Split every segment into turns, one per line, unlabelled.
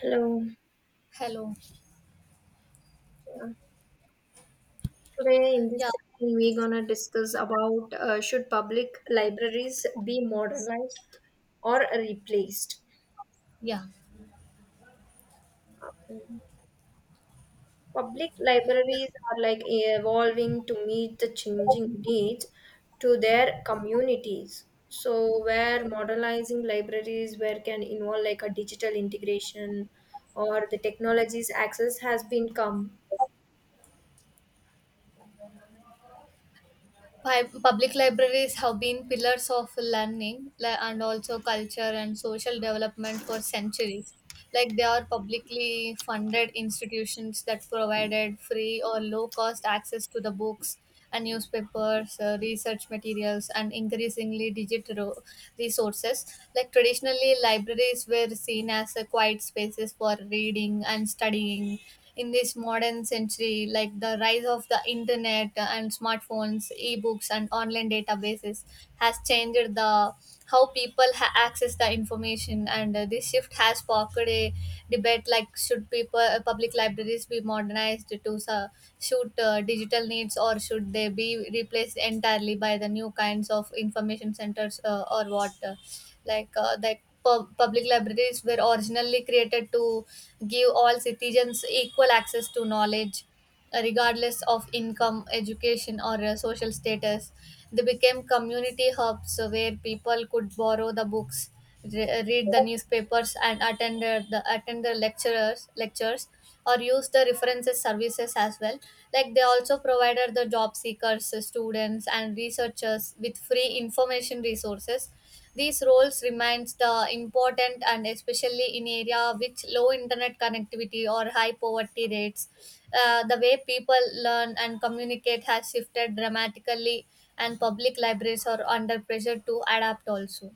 Hello.
Hello.
Yeah. Today in
Yeah,
this session we're gonna discuss about should public libraries be modernized or replaced.
yeah,
Okay. Public
yeah.
libraries are like evolving to meet the changing needs to their communities. So where modernizing libraries where can involve like a digital integration or the technologies access has been come.
Public libraries have been pillars of learning and also culture and social development for centuries. Like they are publicly funded institutions that provided free or low cost access to the books and newspapers, research materials, and increasingly digital resources. Like traditionally, libraries were seen as quiet spaces for reading and studying, in this modern century like the rise of the internet and smartphones ebooks and online databases has changed the how people access the information and this shift has sparked a debate like should people public libraries be modernized to suit digital needs or should they be replaced entirely by the new kinds of information centers or what like that public libraries were originally created to give all citizens equal access to knowledge regardless of income education or social status. They became community hubs where people could borrow the books read the newspapers and attend the attend the lecturers lectures or use the references services as well. Like they also provided the job seekers, students and researchers with free information resources. These roles remains the important, and especially in area which low internet connectivity or high poverty rates. The way people learn and communicate has shifted dramatically, and public libraries are under pressure to adapt also.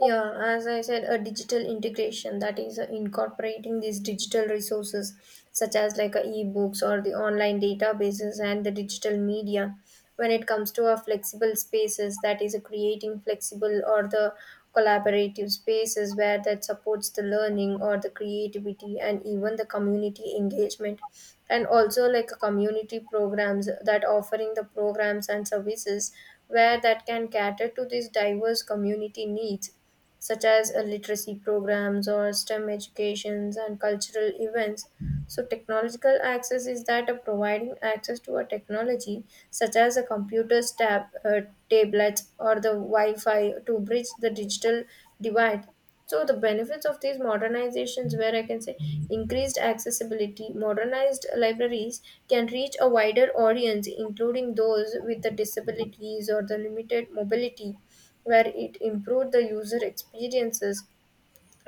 Yeah, as I said, a digital integration, that is incorporating these digital resources such as like ebooks or the online databases and the digital media. When it comes to our flexible spaces, that is creating flexible or the collaborative spaces where that supports the learning or the creativity and even the community engagement, and also like community programs that offering the programs and services where that can cater to these diverse community needs such as literacy programs or STEM educations and cultural events. So technological access is that of providing access to a technology such as a computer's tab, tablets or the Wi-Fi to bridge the digital divide. So the benefits of these modernizations, where I can say increased accessibility, modernized libraries can reach a wider audience, including those with the disabilities or the limited mobility, where it improved the user experiences.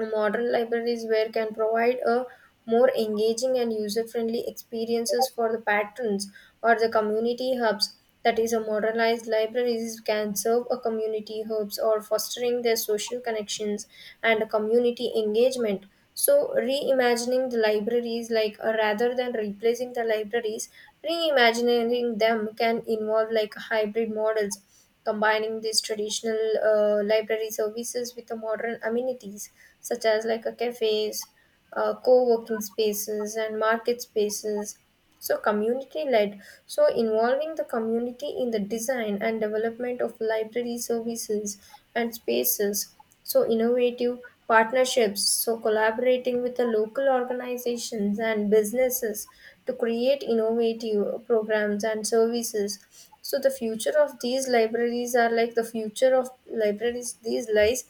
Modern libraries where can provide a more engaging and user-friendly experiences for the patrons or the community hubs. That is, a modernized libraries can serve a community hubs or fostering their social connections and community engagement. So, reimagining the libraries, rather than replacing the libraries, reimagining them can involve like hybrid models combining these traditional library services with the modern amenities such as like a cafes, co-working spaces and market spaces, so community led, so involving the community in the design and development of library services and spaces, so innovative partnerships, so collaborating with the local organizations and businesses to create innovative programs and services. So the future of these libraries are like the future of libraries these lies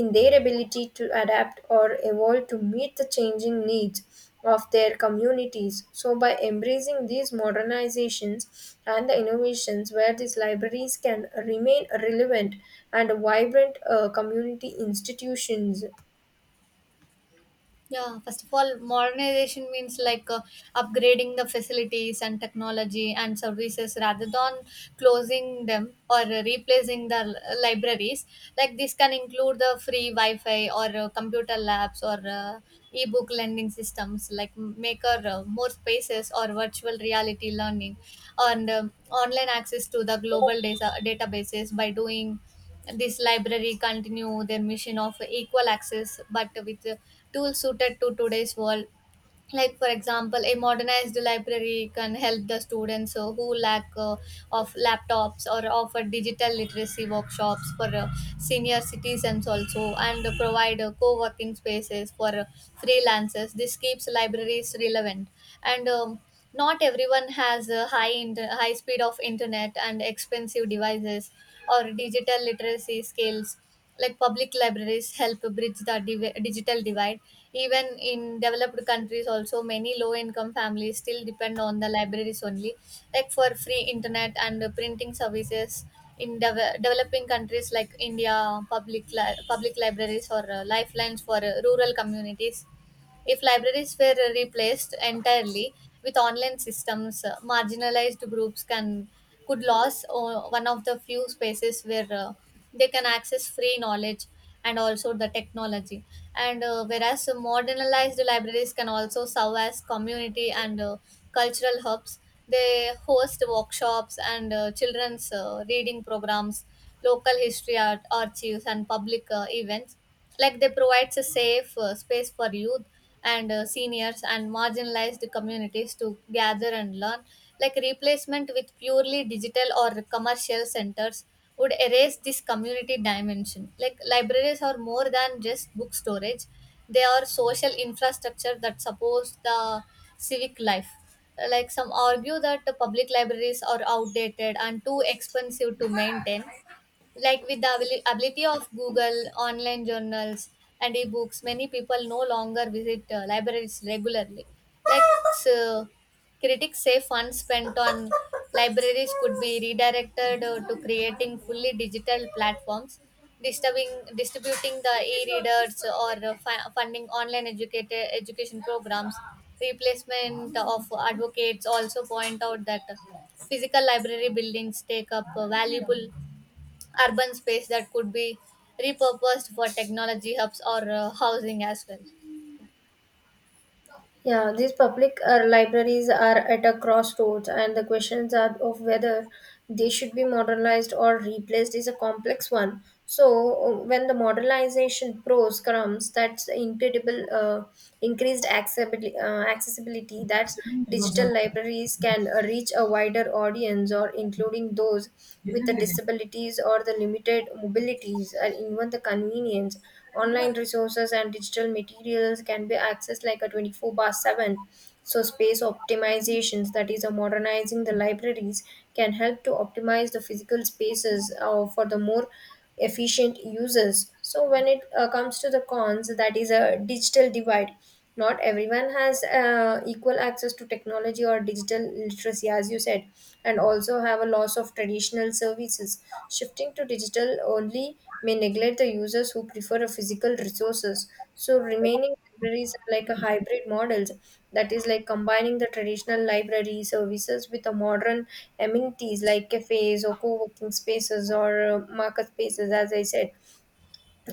in their ability to adapt or evolve to meet the changing needs of their communities. So, by embracing these modernizations and the innovations where these libraries can remain relevant and vibrant community institutions.
Yeah, first of all, modernization means like upgrading the facilities and technology and services rather than closing them or replacing the libraries. Like this can include the free Wi Fi or computer labs or ebook lending systems, like maker more spaces or virtual reality learning and online access to the global databases. By doing this library continue their mission of equal access, but with tools suited to today's world. Like for example a modernized library can help the students who lack of laptops, or offer digital literacy workshops for senior citizens also, and provide co-working spaces for freelancers. This keeps libraries relevant. And Not everyone has a high speed of internet and expensive devices or digital literacy skills. Like public libraries help bridge the digital divide. Even in developed countries also, many low income families still depend on the libraries only, like for free internet and printing services. In developing countries like India, public libraries or lifelines for rural communities. If libraries were replaced entirely with online systems, marginalized groups can could lose one of the few spaces where they can access free knowledge and also the technology. And whereas modernized libraries can also serve as community and cultural hubs, they host workshops and children's reading programs, local history art archives, and public events. Like they provides a safe space for youth and seniors and marginalized communities to gather and learn. Like replacement with purely digital or commercial centers would erase this community dimension. Like libraries are more than just book storage, they are social infrastructure that supports the civic life. Like some argue that the public libraries are outdated and too expensive to maintain, like with the ability of Google online journals and ebooks many people no longer visit libraries regularly. Like so critics say funds spent on libraries could be redirected to creating fully digital platforms, disturbing distributing the e-readers or funding online educated education programs. Replacement of Advocates also point out that physical library buildings take up valuable urban space that could be repurposed for technology hubs or housing as
Yeah, these public libraries are at a crossroads, and the questions are of whether they should be modernized or replaced is a complex one. So, when the modernization pros comes, that's the incredible accessibility that digital libraries can reach a wider audience or including those with the
well.
disabilities or the limited mobilities and even the convenience. Online resources and digital materials can be accessed like a 24/7. So space optimizations, that is, a modernizing the libraries, can help to optimize the physical spaces for the more efficient users. So when it comes to the cons, that is a digital divide, not everyone has equal access to technology or digital literacy, as you said, and also have a loss of traditional services. Shifting to digital only may neglect the users who prefer a physical resources. So remaining libraries are like a hybrid models, that is like combining the traditional library services with the modern amenities like cafes or co-working spaces or market spaces, as I said,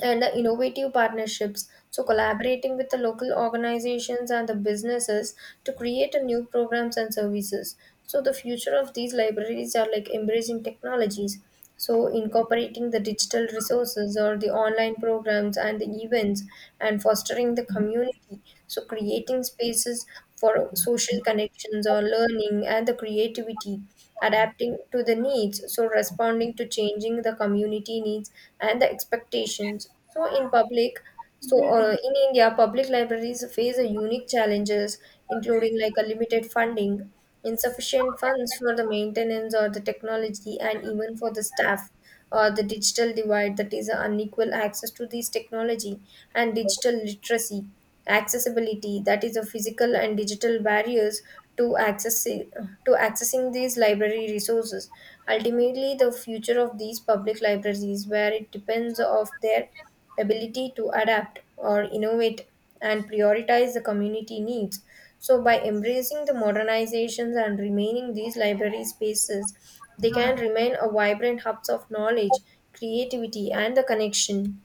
and the innovative partnerships. So, collaborating with the local organizations and the businesses to create a new programs and services. So, the future of these libraries are like embracing technologies. So, incorporating the digital resources or the online programs and the events and fostering the community. So, creating spaces for social connections or learning and the creativity, adapting to the needs, so responding to changing the community needs and the expectations. In India, public libraries face a unique challenges, including like a limited funding, insufficient funds for the maintenance or the technology, and even for the staff. Or the digital divide, that is unequal access to these technology and digital literacy, accessibility, that is the physical and digital barriers to accessing these library resources. Ultimately the future of these public libraries where it depends of their ability to adapt or innovate and prioritize the community needs. So by embracing the modernizations and remaining these library spaces, they can remain a vibrant hubs of knowledge, creativity and the connection.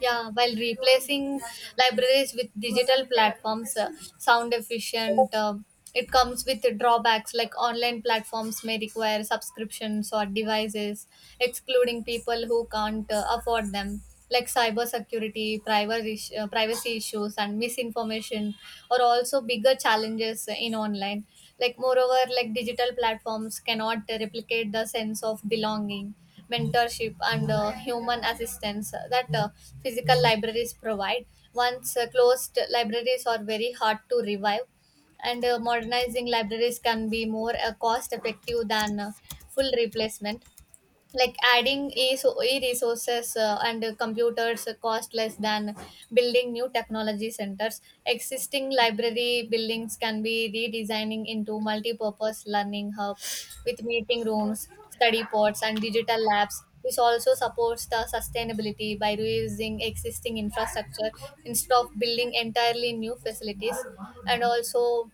Yeah, while replacing libraries with digital platforms, sound efficient, it comes with drawbacks, like online platforms may require subscriptions or devices, excluding people who can't afford them, like cybersecurity, privacy issues, and misinformation are also bigger challenges in online. Like moreover, like digital platforms cannot replicate the sense of belonging, mentorship and human assistance that physical libraries provide. Once closed, libraries are very hard to revive, and modernizing libraries can be more cost effective than full replacement. Like adding e resources and computers cost less than building new technology centers. Existing library buildings can be redesigning into multi-purpose learning hubs with meeting rooms, study pods and digital labs. This also supports the sustainability by reusing existing infrastructure instead of building entirely new facilities. And also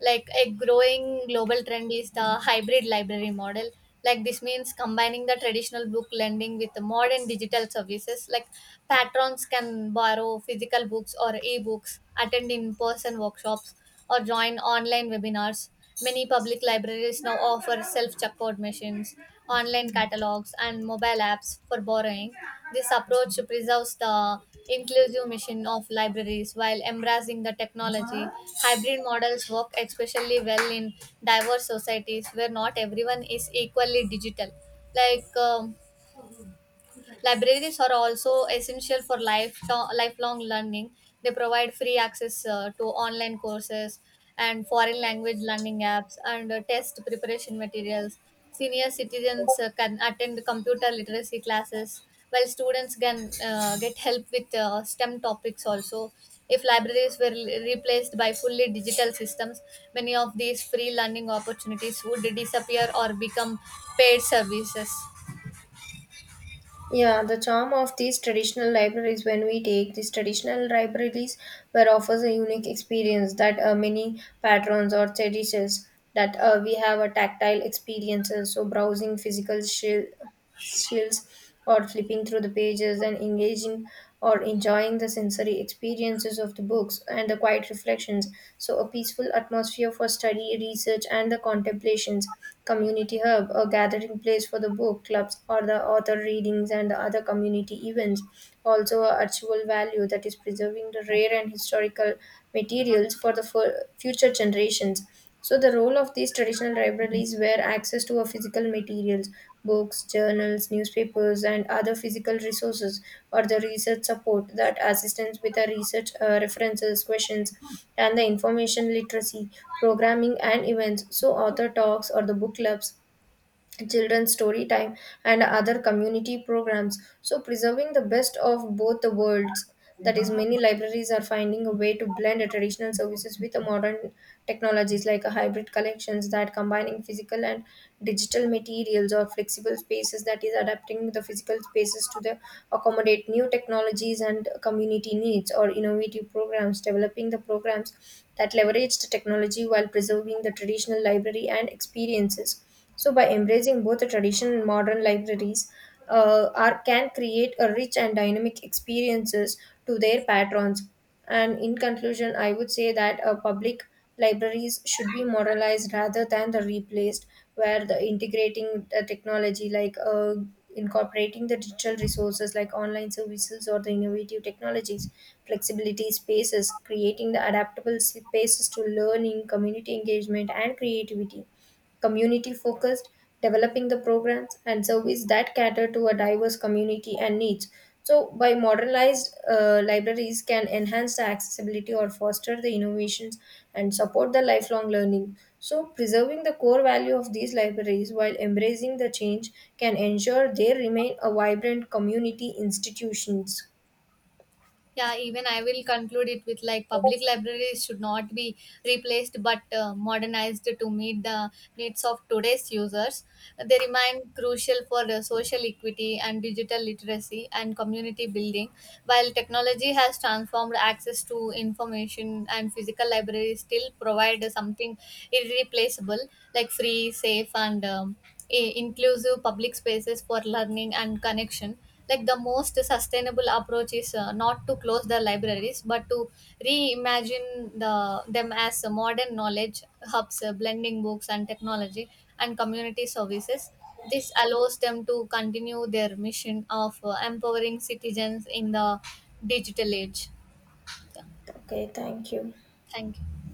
like a growing global trend is the hybrid library model. Like this means combining the traditional book lending with the modern digital services. Like patrons can borrow physical books or ebooks, attend in person workshops or join online webinars. Many public libraries now offer self checkout machines, online catalogs, and mobile apps for borrowing. This approach preserves the inclusive mission of libraries while embracing the technology. Hybrid models work especially well in diverse societies where not everyone is equally digital. Like, um, Libraries are also essential for lifelong learning. They provide free access to online courses and foreign language learning apps and test preparation materials. Senior citizens can attend computer literacy classes, while students can get help with STEM topics also. If libraries were replaced by fully digital systems, many of these free learning opportunities would disappear or become paid services.
Yeah, the charm of these traditional libraries, when we take these traditional libraries where offers a unique experience that many patrons or traditions, that we have a tactile experiences, so browsing physical shelves or flipping through the pages and engaging or enjoying the sensory experiences of the books and the quiet reflections. So, a peaceful atmosphere for study, research, and the contemplations. Community hub, a gathering place for the book clubs or the author readings and the other community events. Also, a archival value, that is preserving the rare and historical materials for the future generations. So the role of these traditional libraries were access to a physical materials, books, journals, newspapers, and other physical resources, or the research support that assistance with the research, references, questions, and the information literacy, programming, and events. So author talks or the book clubs, children's story time and other community programs, so preserving the best of both the worlds, that is many libraries are finding a way to blend the traditional services with the modern technologies like a hybrid collections that combining physical and digital materials, or flexible spaces, that is adapting the physical spaces to the accommodate new technologies and community needs, or innovative programs, developing the programs that leverage the technology while preserving the traditional library and experiences. So, by embracing both the traditional and modern libraries, are can create a rich and dynamic experiences to their patrons. And in conclusion, I would say that public libraries should be modernized rather than the replaced, where the integrating the technology like incorporating the digital resources like online services or the innovative technologies, flexibility spaces, creating the adaptable spaces to learning, community engagement, and creativity, community focused, developing the programs and service that cater to a diverse community and needs. So, by modernized libraries can enhance the accessibility or foster the innovations and support the lifelong learning. So, preserving the core value of these libraries while embracing the change can ensure they remain a vibrant community institutions.
Yeah, even I will conclude it with like public libraries should not be replaced but modernized to meet the needs of today's users. They remain crucial for social equity and digital literacy and community building. While technology has transformed access to information, and physical libraries still provide something irreplaceable, like free, safe and inclusive public spaces for learning and connection. Like the most sustainable approach is not to close the libraries but to reimagine them as modern knowledge hubs, blending books and technology and community services. This allows them to continue their mission of empowering citizens in the digital age. Yeah.
Okay, thank you.
Thank you.